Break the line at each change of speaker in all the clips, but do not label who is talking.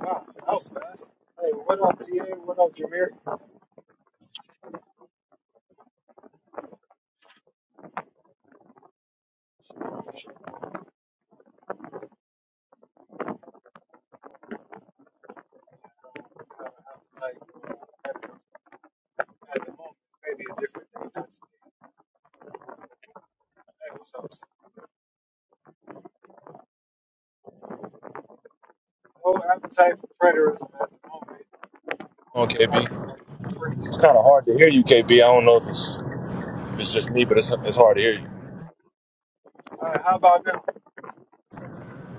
Wow, that was fast. Hey, what up, TA? What up, Jameer? I'm not sure how I have at the moment. Maybe a different day, not today. Hey, what's up? No appetite for preterism at the moment. I
on,
want to talk
KB.
about this
It's
priest.
kind of hard to hear you, K. B. I don't know if it's if it's just me, but it's, it's hard to hear you.
All right, how about now?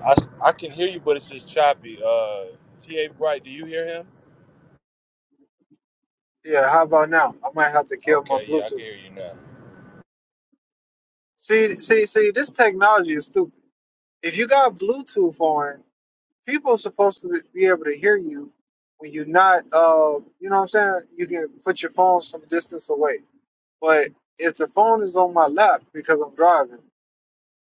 I, s- I can hear you, but it's just choppy. Uh, T.A. Bright, do you hear him?
Yeah, how about now? I might have to kill my
Okay, yeah, I can
Bluetooth.
hear you now.
See, see, see, this technology is stupid. If you got Bluetooth on, people are supposed to be able to hear you when you're not, uh, you know what I'm saying? You can put your phone some distance away. But if the phone is on my lap because I'm driving,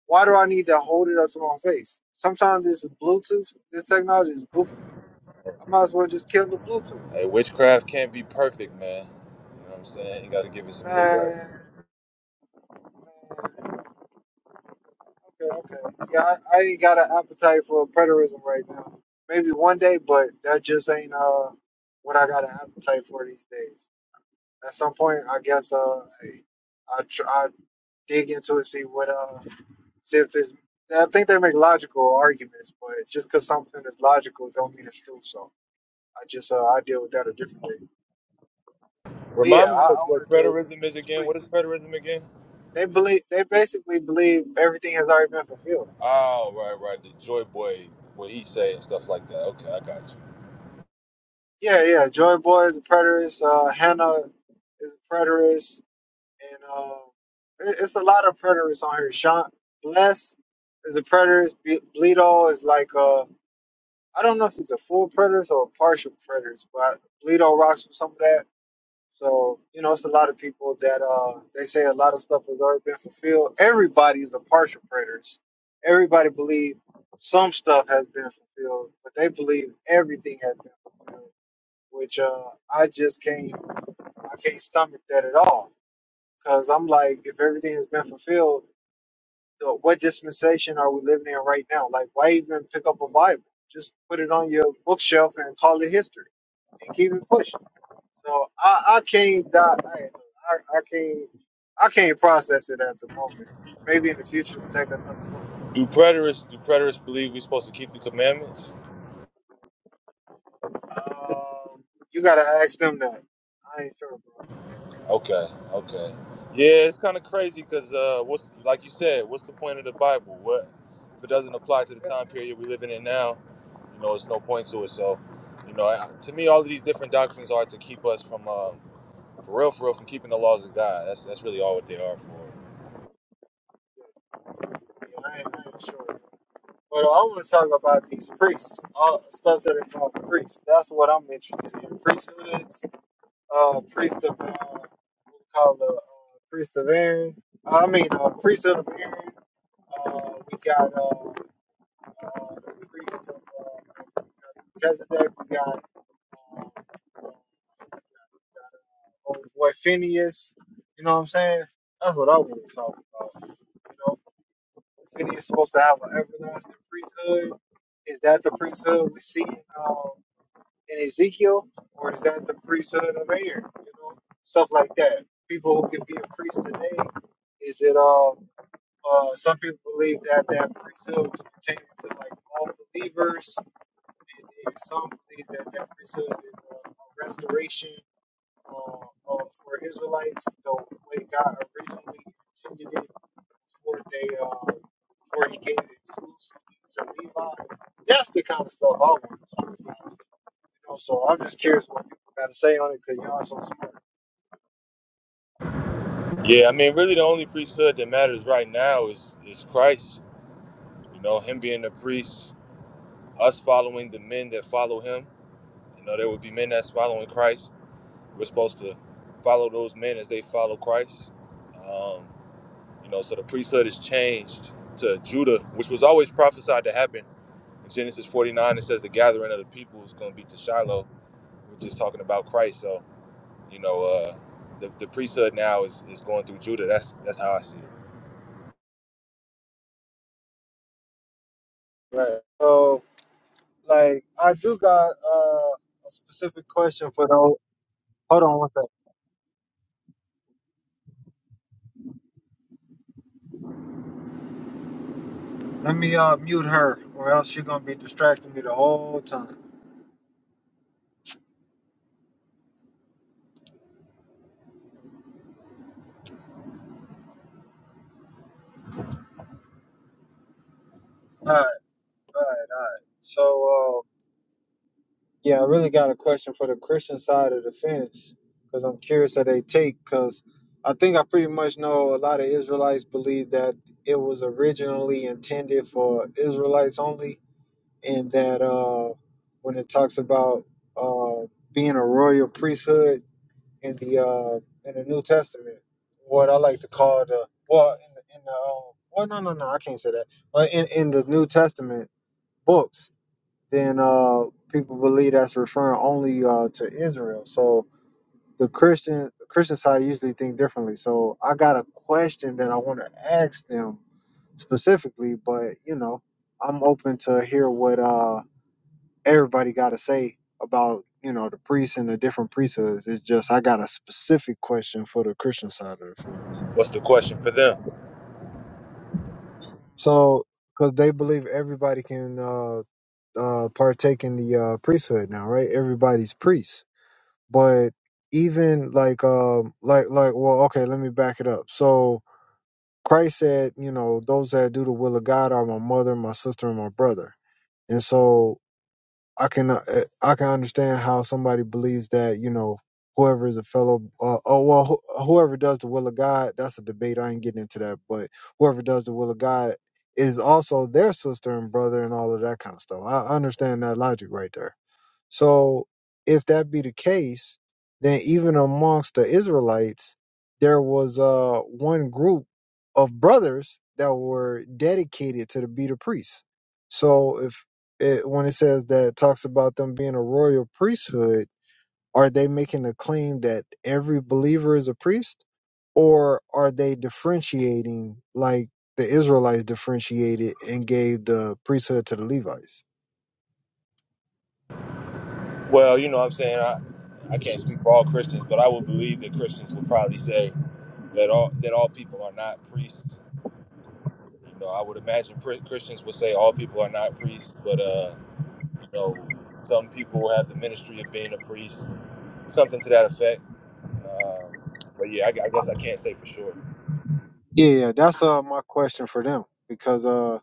why do I need to hold it up to my face? Sometimes this is Bluetooth, this technology is goofy. I might as well just kill the Bluetooth.
Hey, witchcraft can't be perfect, man. You know what I'm saying? You got to give it some leeway.
Man, man. okay, okay. Yeah, I, I ain't got an appetite for preterism right now. Maybe one day, but that just ain't uh what I got an appetite for these days. At some point, I guess uh I I, tr- I dig into it, see what uh since it's, I think they make logical arguments, but just because something is logical, don't mean it's true. So I just uh, I deal with that a different way. But yeah,
Remind
I,
me
I
what, what
want to do
preterism is
it's
again. What is
priests.
preterism again?
They believe they basically believe everything has already been fulfilled.
Oh, right, right. The joy boy, what he say and stuff like that. Okay, I got you.
Yeah, yeah. Joy Boy is a preterist. Uh, Hannah is a preterist, and uh, it, it's a lot of preterists on here. Sean Bless is a preterist. Ble- Bleedo is like uh, I don't know if he's a full preterist or a partial preterist, but Bleedo rocks with some of that So, you know, it's a lot of people that uh they say a lot of stuff has already been fulfilled. Everybody is a partial preterist. Everybody believe some stuff has been fulfilled, but they believe everything has been fulfilled, which uh I just can't I can't stomach that at all. Cause I'm like, if everything has been fulfilled, so what dispensation are we living in right now? Like, why even pick up a Bible? Just put it on your bookshelf and call it history and keep it pushing. So I, I can't die. I, I, I can't. I can't process it at the moment. Maybe in the future, take another
Do preterists, do preterists believe we're supposed to keep the commandments?
look. Um, you gotta ask them that. I ain't sure, bro.
Okay, okay. Yeah, it's kind of crazy because uh, what's like you said, what's the point of the Bible? What if it doesn't apply to the time period we're living in now? You know, it's no point to it. So, you know, I, to me, all of these different doctrines are to keep us from, um, for real, for real, from keeping the laws of God. That's that's really all what they are for.
Yeah, I, ain't, I ain't sure. But I want to talk about these priests, all the stuff that they call priests. That's what I'm interested in. Priesthood uh, priest of uh, we call the uh, priest of Aaron. I mean, uh, priest of Aaron. Uh, we got uh, uh, the priest of uh, Melchizedek. We got uh, old boy Phineas. You know what I'm saying? That's what I want to talk about. You know, Phineas supposed to have an everlasting priesthood. Is that the priesthood we see? Uh, in Ezekiel, or is that the priesthood of Aaron? You know, stuff like that. People who can be a priest today. Is it um uh some people believe that that priesthood was pertaining to like all believers, and, and some believe that that priesthood is a, a restoration um, uh, for Israelites, the way God originally intended it for they uh, where he gave it exclusively to Levi. That's the kind of stuff I want to talk about. You know, so I'm just curious what people got to say on it because y'all so smart.
Yeah, I mean, really, the only priesthood that matters right now is is Christ. You know, Him being the priest, us following the men that follow Him. You know, there would be men that's following Christ We're supposed to follow those men as they follow Christ. Um, you know, so the priesthood is changed to Judah, which was always prophesied to happen. In Genesis 49, it says the gathering of the people is going to be to Shiloh, which is talking about Christ. So, you know, uh, the, the priesthood now is, is going through Judah. That's that's how I see it.
Right. So, like, I do got uh, a specific question for the. Hold on one second. Let me uh, mute her, or else she's gonna be distracting me the whole time. All right, all right, all right. So. Yeah, I really got a question for the Christian side of the fence because I'm curious how they take. Because I think I pretty much know a lot of Israelites believe that it was originally intended for Israelites only, and that uh, when it talks about uh, being a royal priesthood in the uh, in the New Testament, what I like to call the well in the, in the uh, well no no no I can't say that, but in in the New Testament books then uh, people believe that's referring only uh, to Israel. So the Christian Christian side usually think differently. So I got a question that I want to ask them specifically, but you know, I'm open to hear what uh, everybody got to say about you know the priests and the different priesthoods. It's just I got a specific question for the Christian side of the fence.
What's the question for them?
So because they believe everybody can uh, uh, partake in the uh, priesthood now, right? Everybody's priest. but even like um like like well okay let me back it up so christ said you know those that do the will of god are my mother my sister and my brother and so i can uh, eh, i can understand how somebody believes that you know whoever is a fellow uh, oh well wh- whoever does the will of god that's a debate i ain't getting into that but whoever does the will of god is also their sister and brother and all of that kind of stuff i I understand that logic right there so if that be the case, then even amongst the Israelites, there was uh one group of brothers that were dedicated to the be the priests. So if it when it says that it talks about them being a royal priesthood, are they making a claim that every believer is a priest? Or are they differentiating like the Israelites differentiated and gave the priesthood to the Levites?
Well, you know what I'm saying? I, I can't speak for all Christians, but I would believe that Christians would probably say that all that all people are not priests You know, I would imagine pr- Christians would say all people are not priests, but uh, you know, some people have the ministry of being a priest, something to that effect. Um, but yeah, I, gu- I guess I can't say for sure.
Yeah, yeah, that's uh my question for them because uh,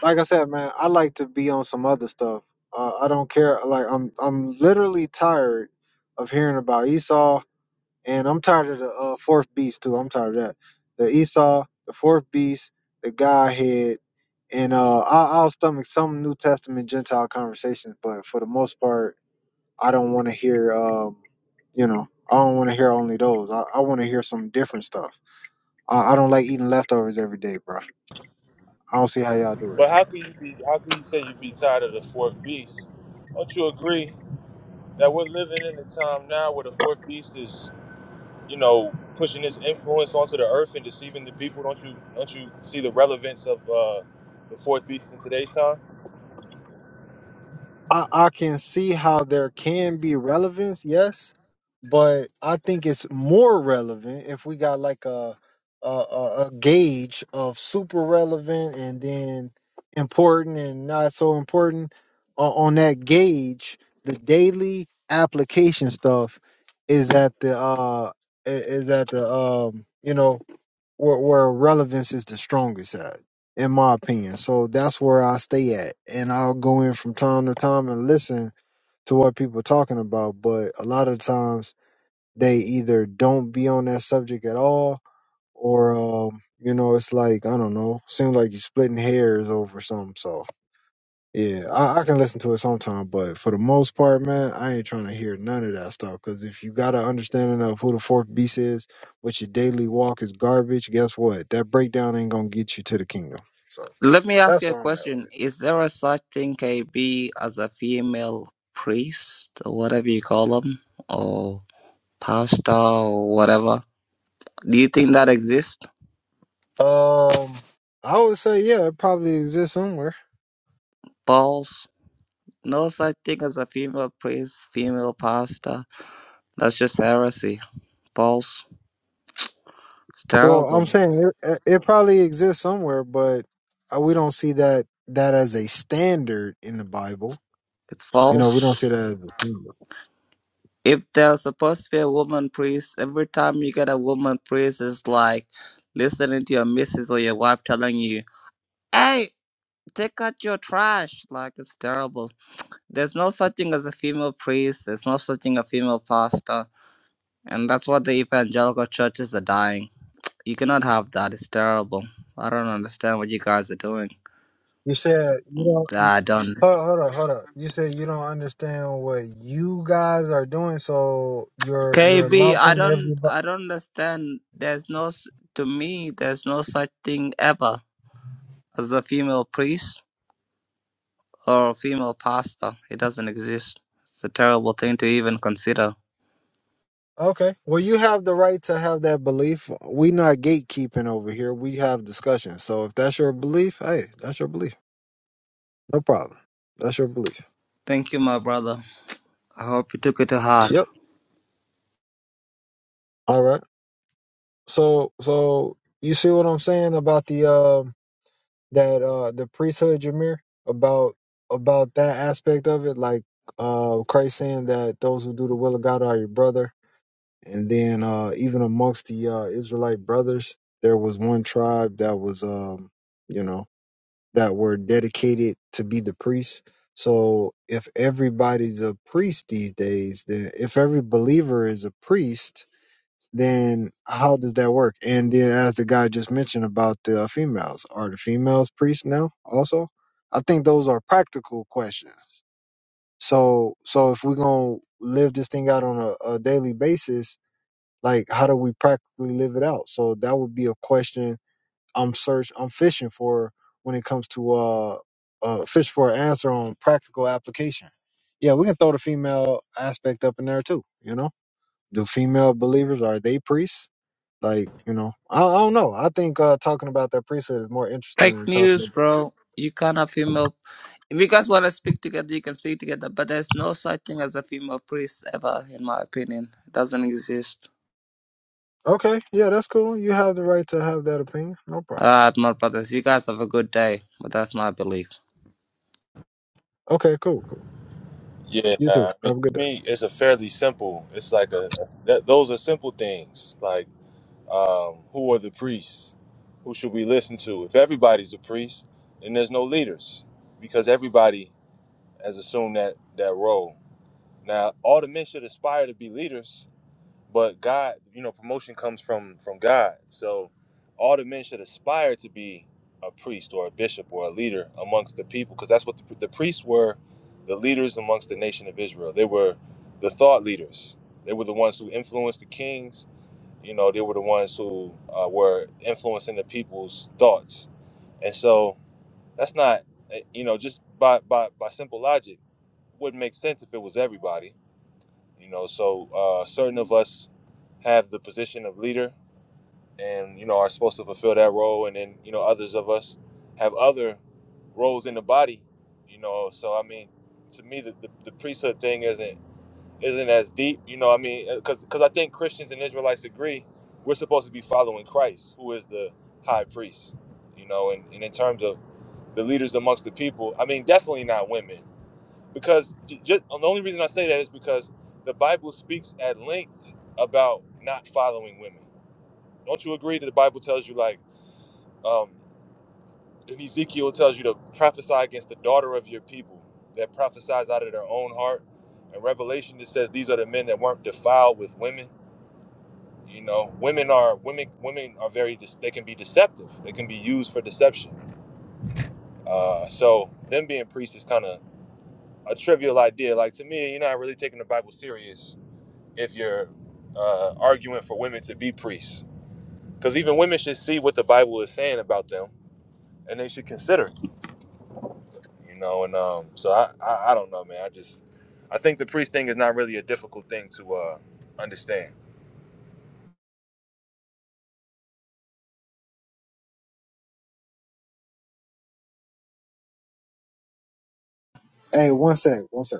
like I said, man, I like to be on some other stuff. Uh, I don't care. Like I'm, I'm literally tired of hearing about Esau, and I'm tired of the uh, fourth beast too. I'm tired of that. The Esau, the fourth beast, the Godhead, and uh, I, I'll stomach some New Testament Gentile conversations, but for the most part, I don't want to hear um, you know, I don't want to hear only those. I, I want to hear some different stuff. I, I don't like eating leftovers every day, bro. I don't see how y'all do it.
But how can you be? How can you say you be tired of the fourth beast? Don't you agree that we're living in a time now where the fourth beast is, you know, pushing its influence onto the earth and deceiving the people? Don't you? Don't you see the relevance of uh, the fourth beast in today's time?
I, I can see how there can be relevance, yes, but I think it's more relevant if we got like a a, a, a gauge of super relevant and then important and not so important on, on that gauge. The daily application stuff is at the uh i- is at the um you know where, where relevance is the strongest at, in my opinion. So that's where I stay at, and I'll go in from time to time and listen to what people are talking about. But a lot of times they either don't be on that subject at all, or um, you know, it's like I don't know, seems like you're splitting hairs over something. So. Yeah, I, I can listen to it sometime, but for the most part, man, I ain't trying to hear none of that stuff. Because if you got an understanding of who the fourth beast is, what your daily walk is garbage, guess what? That breakdown ain't gonna get you to the kingdom. So
Let me ask you
that's
a
where I'm at
question.
with.
Is there a such thing KB as a female priest or whatever you call them or pastor or whatever? Do you think that exists?
it. Um, I would say yeah, it probably exists somewhere.
Paul's no such thing as a female priest, female pastor. That's just heresy. False. it's
Well, I'm
terrible.
saying it, it probably exists somewhere, but uh, we don't see that that as a standard in the Bible.
It's
You know, we don't see
false.
that as a standard.
If there's supposed to be a woman priest, every time you get a woman priest, it's like listening to your missus or your wife telling you, "Hey." take out your trash. Like it's terrible. There's no such thing as a female priest. There's no such thing as a female pastor, and that's what the evangelical churches are dying. You cannot have that. It's terrible. I don't understand what you guys are doing.
You said you don't.
I don't.
Hold up, hold up, hold up. You said you don't understand what you guys are doing, so you're you're
KB, I
lumping
don't.
everybody.
I don't understand. There's no. s- To me, there's no such thing ever as a female priest or a female pastor. It doesn't exist. It's a terrible thing to even consider.
Okay. Well, you have the right to have that belief. We not gatekeeping over here. We have discussions. So if that's your belief, hey, that's your belief. No problem. That's your belief.
Thank you, my brother. I hope you took it to heart.
Yep. All right. So so you see what I'm saying about the um that uh the priesthood, Jameer, about about that aspect of it, like uh Christ saying that those who do the will of God are your brother And then uh, even amongst the uh, Israelite brothers, there was one tribe that was, um, you know, that were dedicated to be the priests. So if everybody's a priest these days, then if every believer is a priest, then how does that work? And then as the guy just mentioned about the uh, females, are the females priests now also? I think those are practical questions. So so if we're gonna live this thing out on a, a daily basis, like how do we practically live it out so that would be a question i'm search i'm fishing for when it comes to uh uh fish for an answer on practical application yeah we can throw the female aspect up in there too you know do female believers are they priests like you know i, I don't know i think uh talking about their priesthood is more interesting
Fake
than talking
news,
about
bro. You can't have female. If you guys want to speak together, you can speak together. But there's no such thing as a female priest ever, in my opinion. It doesn't exist.
okay yeah that's cool you have the right to have that opinion no problem
Alright, my brothers, you guys have a good day. But that's my belief.
okay cool cool
Yeah,
you too
nah, I mean,
have
to
a good day
me, it's a fairly simple. It's like a, a that, those are simple things. Like, um, who are the priests? Who should we listen to? If everybody's a priest, then there's no leaders because everybody has assumed that that role. Now, all the men should aspire to be leaders, but God, you know, promotion comes from from God. So all the men should aspire to be a priest or a bishop or a leader amongst the people, because that's what the, the priests were, the leaders amongst the nation of Israel. They were the thought leaders. They were the ones who influenced the kings. You know, they were the ones who uh, were influencing the people's thoughts. And so that's not, eh, you know, just by by by simple logic, wouldn't make sense if it was everybody you know, so uh, certain of us have the position of leader and, you know, are supposed to fulfill that role. And then, you know, others of us have other roles in the body, you know. So, I mean, to me, the, the, the priesthood thing isn't isn't as deep, you know. I mean, because because I think Christians and Israelites agree we're supposed to be following Christ, who is the high priest, you know. And, and in terms of the leaders amongst the people, I mean, definitely not women because j- just, the only reason I say that is because the Bible speaks at length about not following women. Don't you agree that the Bible tells you, like, um, in Ezekiel, it tells you to prophesy against the daughter of your people that prophesies out of their own heart. And Revelation it says these are the men that weren't defiled with women. You know, women are women. Women are very. de- They can be deceptive. They can be used for deception. Uh, so them being priests is kind of a trivial idea. Like to me, you're not really taking the Bible serious if you're uh, arguing for women to be priests, because even women should see what the Bible is saying about them, and they should consider it. You know, and um, so I, I, I don't know, man. I just, I think the priest thing is not really a difficult thing to uh, understand.
hey one sec one sec